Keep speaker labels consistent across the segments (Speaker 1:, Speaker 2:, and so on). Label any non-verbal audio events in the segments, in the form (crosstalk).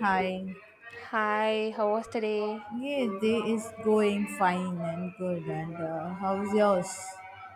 Speaker 1: Hi.
Speaker 2: Hi, how was the day?
Speaker 1: Yes, day is going fine and good. And how's yours?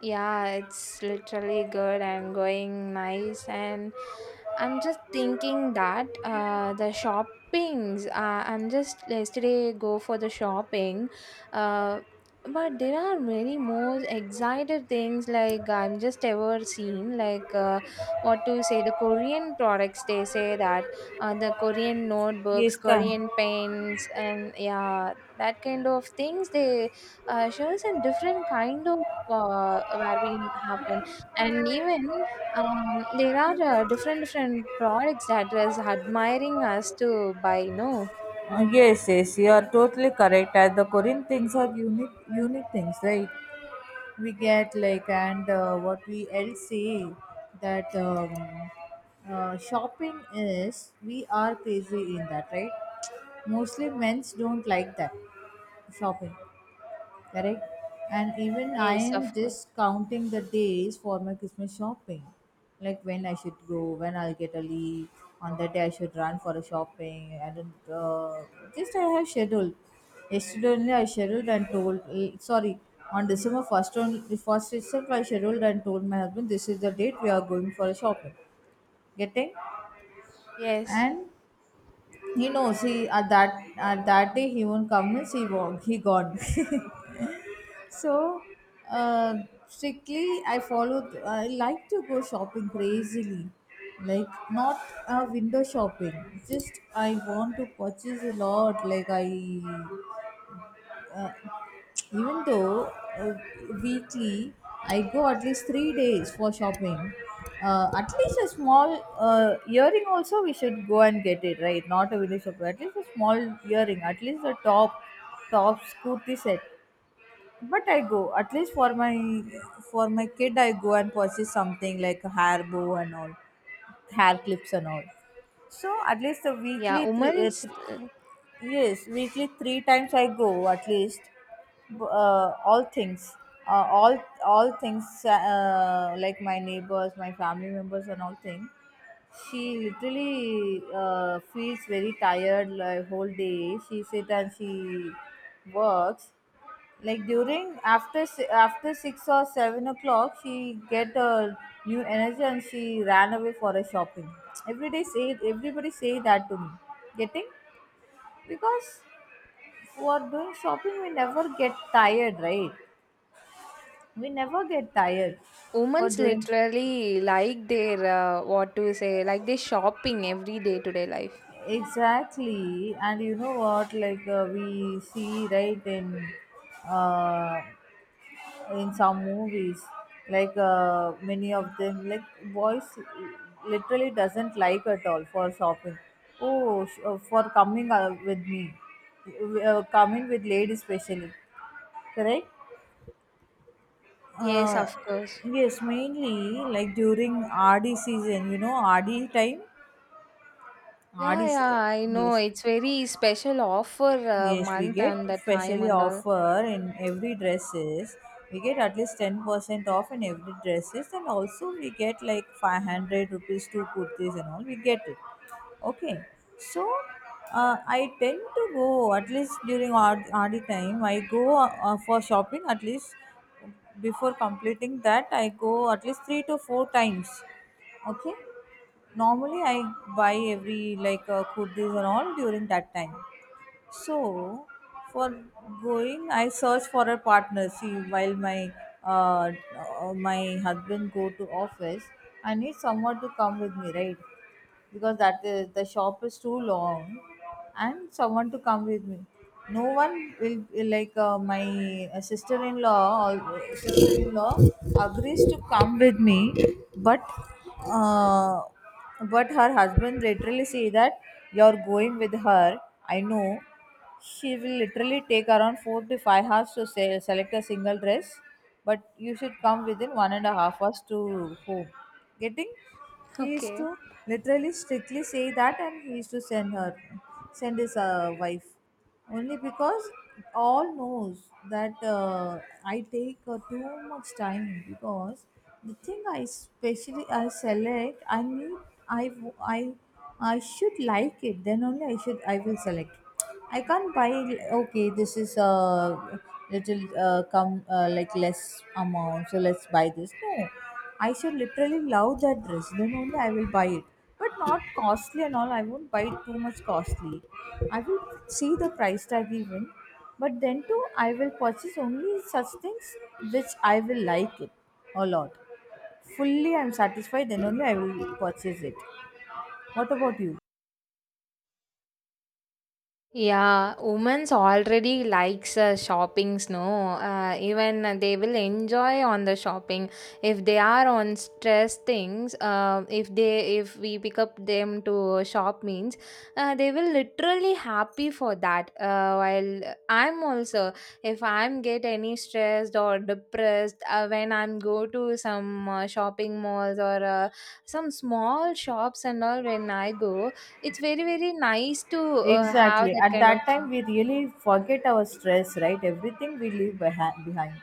Speaker 2: Yeah, it's literally good and going nice. And I'm just thinking that the shoppings, I'm just yesterday go for the shopping. Uh, but there are many more excited things like I'm just ever seen like what to say the Korean products, they say that the Korean notebooks,
Speaker 1: Yes,
Speaker 2: Korean pens, and yeah, that kind of things they shows in different kind of where we happen, and even there are different different products that is admiring us to buy, no?
Speaker 1: yes, yes, you are totally correct. As the Korean things are unique, unique things, right? We get like, and what we else say that shopping is, we are crazy in that, right? Mostly men's don't like that shopping. Correct. And even I
Speaker 2: Yes,
Speaker 1: am
Speaker 2: of course.
Speaker 1: just counting the days for my Christmas shopping, like when I should go, when I'll get a leave. On that day I should run for a shopping and uh, just I have scheduled. Yesterday only I scheduled and told, sorry, on December 1st, on the first itself I scheduled and told my husband, this is the date we are going for a shopping. Getting?
Speaker 2: Yes.
Speaker 1: And he knows, he at that day he won't come means he won't, he gone (laughs) So, uh, strictly, I follow. I like to go shopping crazily, like not window shopping. Just I want to purchase a lot. Like I, even though, uh, weekly, I go at least 3 days for shopping. At least a small earring also we should go and get it, right? Not a window shopping. At least a small earring. At least a top, scooty set. But I go at least for my kid I go and purchase something like a hair bow and all, hair clips and all. So at least a
Speaker 2: Yeah,
Speaker 1: weekly three, uh,
Speaker 2: women's
Speaker 1: th- Yes, weekly three times I go at least. All things, uh, all things, like my neighbors, my family members and all things. She literally feels very tired, like whole day she sit and she works. Like during after 6 or 7 o'clock she get a new energy and she ran away for a shopping, every day say, everybody say that to me. Getting? Because for doing shopping we never get tired, right? We never get tired. For
Speaker 2: women's
Speaker 1: doing,
Speaker 2: literally like their, what to say, like they shopping every day to day life.
Speaker 1: exactly. And you know what, like we see, right, in uh, in some movies, like many of them, like boys literally doesn't like at all for shopping. Oh, for coming with me, coming with ladies especially. Correct.
Speaker 2: Yes,
Speaker 1: uh,
Speaker 2: of course.
Speaker 1: yes, mainly, like during RD season, RD time. rd
Speaker 2: Yeah,
Speaker 1: se-
Speaker 2: yeah, I
Speaker 1: yes.
Speaker 2: know. It's very special offer
Speaker 1: Yes, we
Speaker 2: month
Speaker 1: get
Speaker 2: and the time
Speaker 1: specially
Speaker 2: and all.
Speaker 1: offer in every dresses. We get at least 10% off in every dresses and also we get like 500 rupees to kurtis and all. We get it. Okay. So, I tend to go at least during RD time. I go for shopping at least before completing that. I go at least three to four times. Okay. Normally I buy every, like kurtis and all during that time. So, for going, I search for a partner. See, while uh, my husband go to office, I need someone to come with me, right? Because that is, the shop is too long, and someone to come with me. No one will like, my sister-in-law or sister-in-law agrees to come with me, but. Uh, but her husband literally say that, "You're going with her. I know. She will literally take around 4 to 5 hours to select a single dress, but you should come within 1.5 hours to home." Getting?
Speaker 2: (laughs)
Speaker 1: He used
Speaker 2: Okay.
Speaker 1: to literally strictly say that, and he used to send her, send his wife only, because all knows that I take too much time, because the thing I specially, I select, I need, I w- I should like it, then only I will select. I can't buy, okay, this is a little come like less amount, so let's buy this, no. I should literally love that dress, then only I will buy it, but not costly and all. I won't buy too much costly. I will see the price tag even, but then too, I will purchase only such things which I will like it a lot. Fully, I'm satisfied. Then only I will purchase it. What about you?
Speaker 2: Yeah, women's already likes shoppings, no? Even they will enjoy on the shopping. If they are on stress things, if we pick up them to shop means, they will literally happy for that. While I'm also, if I'm get any stressed or depressed, when I'm go to some shopping malls or some small shops and all, when I go, it's very, very nice to have
Speaker 1: Exactly.
Speaker 2: that
Speaker 1: At
Speaker 2: kind of
Speaker 1: that time, we
Speaker 2: something.
Speaker 1: really forget our stress, right? Everything we leave behind.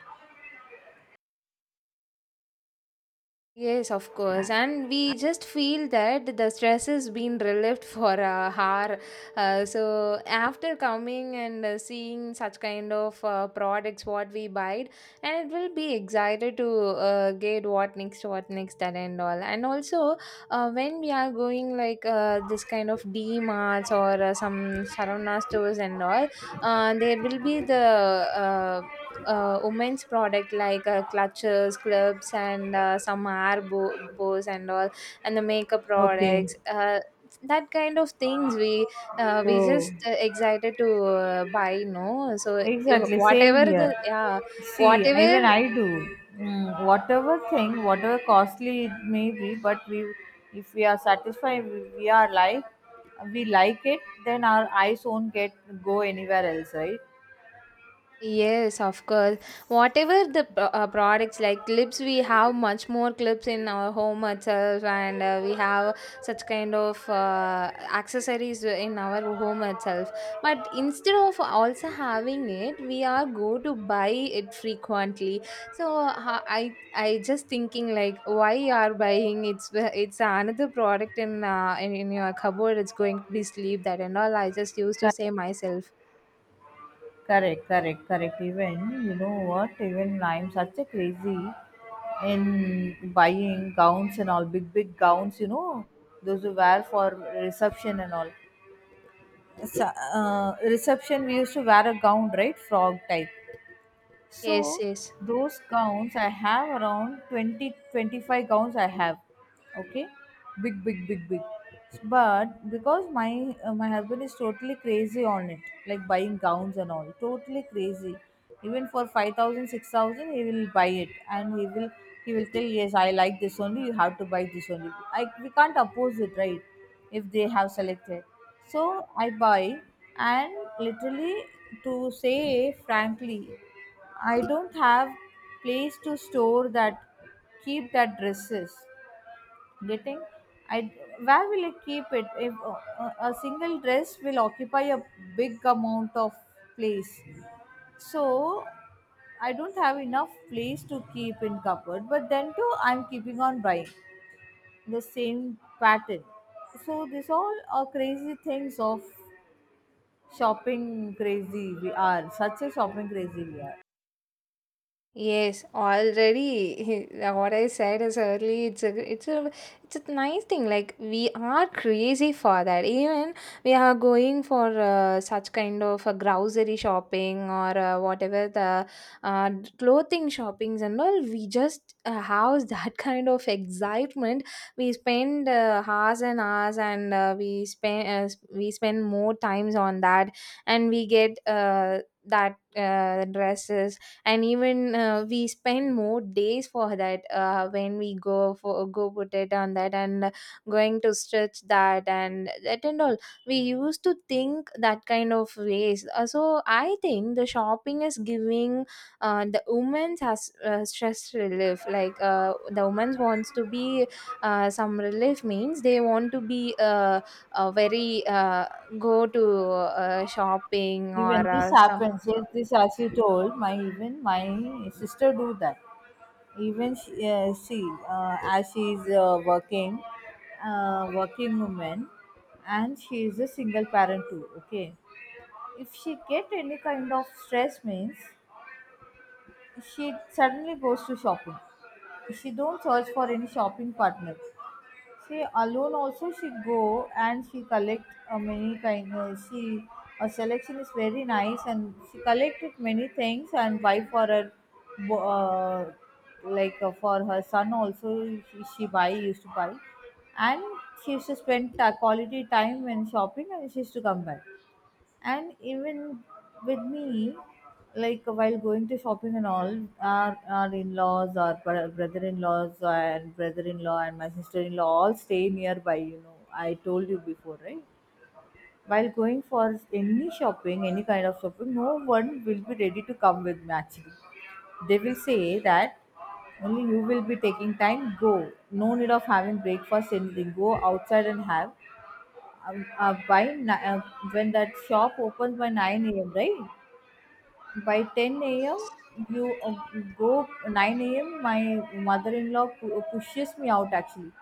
Speaker 2: Yes, of course. And we just feel that the stress has been relieved (laughs) for a hour. So, after coming and seeing such kind of products, what we buy, and it will be excited to get what next, that and all. And also, when we are going like this kind of D marts or some Sarana stores and all, there will be the women's product, like clutches clubs and some bows and all and the makeup
Speaker 1: Okay.
Speaker 2: products, that kind of things we
Speaker 1: Oh.
Speaker 2: just excited to buy, no? So
Speaker 1: Exactly, same
Speaker 2: whatever
Speaker 1: here.
Speaker 2: the, yeah,
Speaker 1: See, even
Speaker 2: whatever.
Speaker 1: I do. Whatever thing, whatever costly it may be, but we, if we are satisfied, we are like, we like it, then our eyes won't get, go anywhere else, right?
Speaker 2: Yes, of course. Whatever the products like clips, we have much more clips in our home itself, and we have such kind of accessories in our home itself. But instead of also having it, we are go to buy it frequently. So I just thinking like, why you are buying, it's another product in in your cupboard. It's going to be sleep that and all. I just used to
Speaker 1: Correct,
Speaker 2: say myself.
Speaker 1: correct, correct, correct. Even you know what? Even I'm such a crazy in buying gowns and all, big big gowns. You know, those who wear for reception and all. Reception we used to wear a gown, right? Frog type.
Speaker 2: Yes,
Speaker 1: So
Speaker 2: yes.
Speaker 1: those gowns I have around 20, 25 gowns I have. Okay? Big big big big. But because my husband is totally crazy on it, like buying gowns and all, totally crazy. Even for 5,000, 6,000, he will buy it, and he will tell, yes, I like this only, you have to buy this only. I We can't oppose it, right? If they have selected. So I buy and, literally to say frankly, I don't have place to store that, keep that dresses. Getting? I Where will I keep it? If a single dress will occupy a big amount of place, so I don't have enough place to keep in cupboard. But then too, I'm keeping on buying the same pattern. So this all are crazy things of shopping. Crazy we are. Such a shopping crazy we are.
Speaker 2: Yes, already (laughs) what I said is early. It's a nice thing. Like we are crazy for that. Even we are going for such kind of grocery shopping or whatever the uh, clothing shoppings and all. We just have (laughs) that kind of excitement. We spend hours and hours, and we spend more times on that, and we get that, dresses, and even we spend more days for that, when we go for go put it on that and going to stretch that and that and all. We used to think that kind of ways. So I think the shopping is giving the women's has stress relief, like the women's wants to be some relief means they want to be very, go to shopping or
Speaker 1: Even this
Speaker 2: some...
Speaker 1: happens, yes, this as you told, my even my sister do that. Even she as she is working, working woman, and she is a single parent too. Okay, if she get any kind of stress means she suddenly goes to shopping. She don't search for any shopping partner. She alone also, she go and she collect many kind, she, a selection is very nice, and she collected many things and buy for her, bo- uh, like for her son also, she buy used to buy. And she used to spend quality time when shopping, and she used to come back, and even with me. Like while going to shopping and all, our in-laws, our brother-in-laws and brother-in-law and my sister-in-law all stay nearby, you know, I told you before, right? While going for any shopping, any kind of shopping, no one will be ready to come with me actually. They will say that, only you will be taking time, go, no need of having breakfast, anything, go outside and have. um, uh, by ni- uh, when that shop opens by 9 a.m, right? By 10 a.m you go. 9 a.m my mother-in-law pushes me out actually.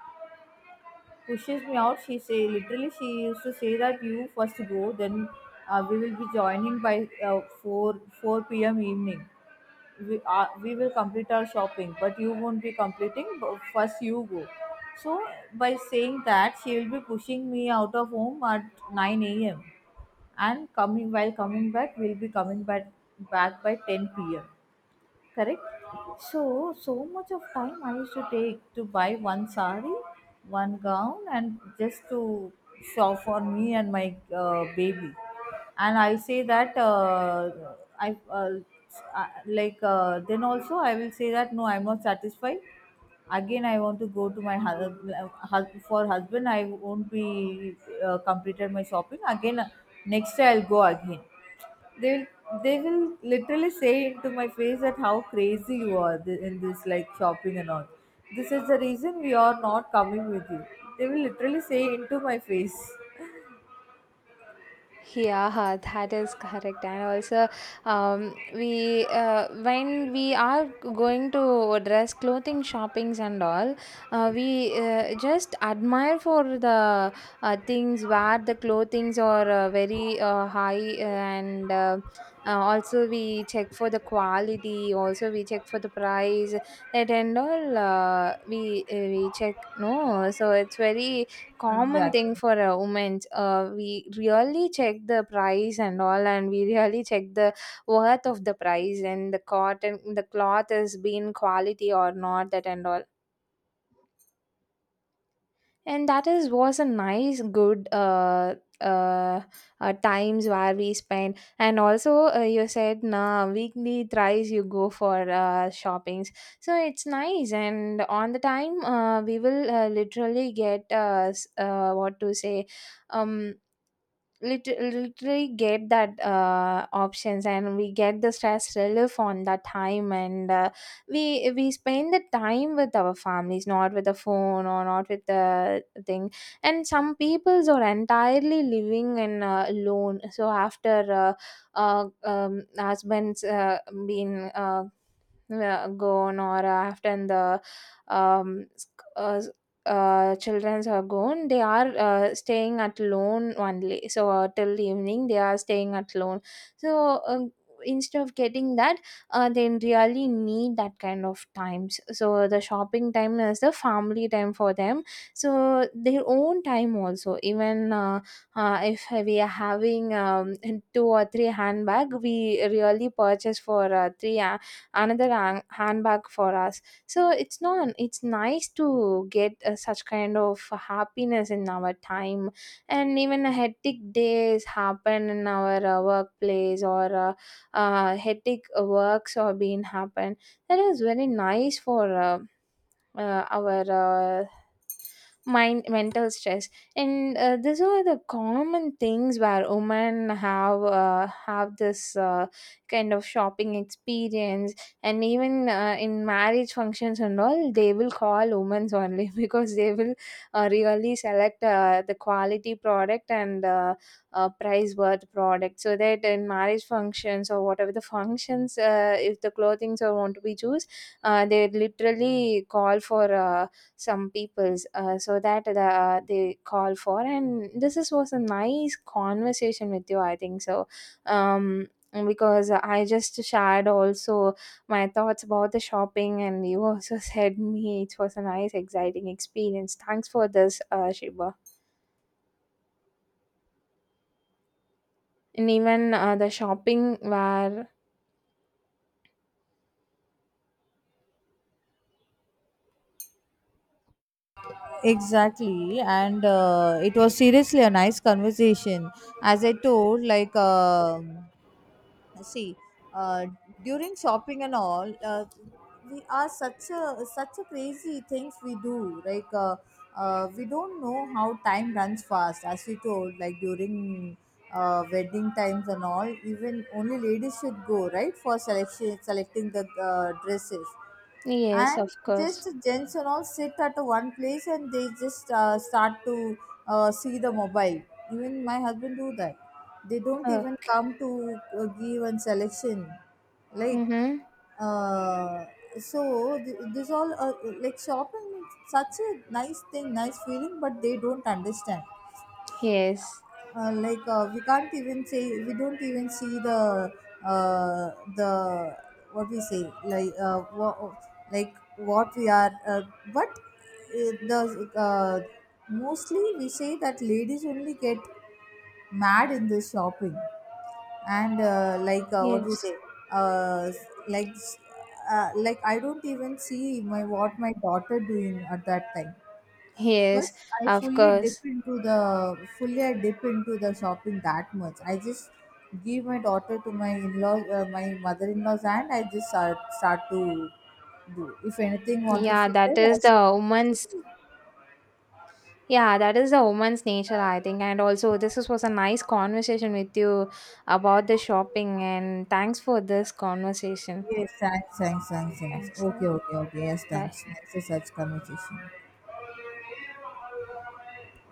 Speaker 1: Pushes me out. She say, literally she used to say that, you first go, then we will be joining by 4 p.m evening. We will complete our shopping, but you won't be completing, but first you go. So by saying that, she will be pushing me out of home at 9 a.m, and coming, while coming back, we'll be coming back by 10 p.m, correct? So so much of time I used to take to buy one sari, one gown, and just to shop for me and my baby. And I say that, I, uh, uh, like, then also I will say that, no, I'm not satisfied. Again I want to go, to my husband, for husband I won't be completed my shopping. Again, next day I'll go again. They will they will literally say to my face that, how crazy you are, in this, like shopping and all, this is the reason we are not coming with you. They will literally say into my face.
Speaker 2: Yeah, that is correct. And also, we when we are going to dress clothing shoppings and all, we just admire for the things where the clothings are very, high, and also we check for the quality, also we check for the price, that and all, we check, no? So it's very common thing
Speaker 1: Exactly.
Speaker 2: for a woman. We really check the price and all, and we really check the worth of the price and the cotton, the cloth has been quality or not, that and all. And that is was a nice, good, times where we spend. And also, you said nah, weekly thrice you go for shoppings, so it's nice. And on the time, we will literally get what to say. Um, Literally get that, options, and we get the stress relief on that time, and we spend the time with our families, not with the phone or not with the thing, and some peoples are entirely living in, alone. So after husbands been, gone, or after the um, sc- uh, childrens are gone, they are staying at lone only. So till evening, they are staying at lone. So instead of getting that, they really need that kind of times. So the shopping time is the family time for them. So their own time also. Even if we are having, two or three handbag, we really purchase for three, handbag for us, so it's not, it's nice to get such kind of happiness in our time. And even a hectic days happen in our workplace or hectic works or being happen, that is very nice for our mind mental stress. And these are the common things where women have this kind of shopping experience. And even in marriage functions and all, they will call women only (laughs) because they will really select the quality product and price worth product, so that in marriage functions or whatever the functions, if the clothings are want to be choose, they literally call for some peoples, so that the, they call for. And this is, was a nice conversation with you, I think so. um because I just shared also my thoughts about the shopping, and you also (laughs) said me it was a nice exciting experience. Thanks for this, Shiba. And even the shopping where...
Speaker 1: Exactly, and it was seriously a nice conversation. As I told, like. See, uh, during shopping and all, we are such a crazy things we do, like we don't know how time runs fast. As we told, like during wedding times and all, even only ladies should go, right, for selection selecting the dresses.
Speaker 2: Yes,
Speaker 1: And
Speaker 2: of course.
Speaker 1: just gents and all sit at one place, and they just start to see the mobile. Even my husband do that. They don't
Speaker 2: Oh.
Speaker 1: even come to give and selection. Like
Speaker 2: Mm-hmm.
Speaker 1: uh, so, this all, like shopping is such a nice thing, nice feeling, but they don't understand.
Speaker 2: Yes.
Speaker 1: Like we can't even say, we don't even see uh, the, what we say, like like what we are, but the, uh, mostly we say that ladies only get mad in this shopping. And like what we
Speaker 2: Yes.
Speaker 1: say, uh, like, like I don't even see my what my daughter doing at that time.
Speaker 2: Yes,
Speaker 1: First, I
Speaker 2: of
Speaker 1: fully dip
Speaker 2: course.
Speaker 1: into the fully I dip into the shopping, that much. I just give my daughter to my in-law, my mother-in-law's hand. I just start to do. If anything want to
Speaker 2: Yeah,
Speaker 1: fit
Speaker 2: that
Speaker 1: it, I
Speaker 2: is the
Speaker 1: should want to fit
Speaker 2: woman's.
Speaker 1: it.
Speaker 2: Yeah, that is the woman's nature, I think. And also, this is, was a nice conversation with you about the shopping. And thanks for this conversation.
Speaker 1: Yes, thanks, thanks, thanks, thanks.
Speaker 2: Thanks. Yeah.
Speaker 1: Okay, okay, okay. Yes,
Speaker 2: Bye.
Speaker 1: thanks. Next is such conversation.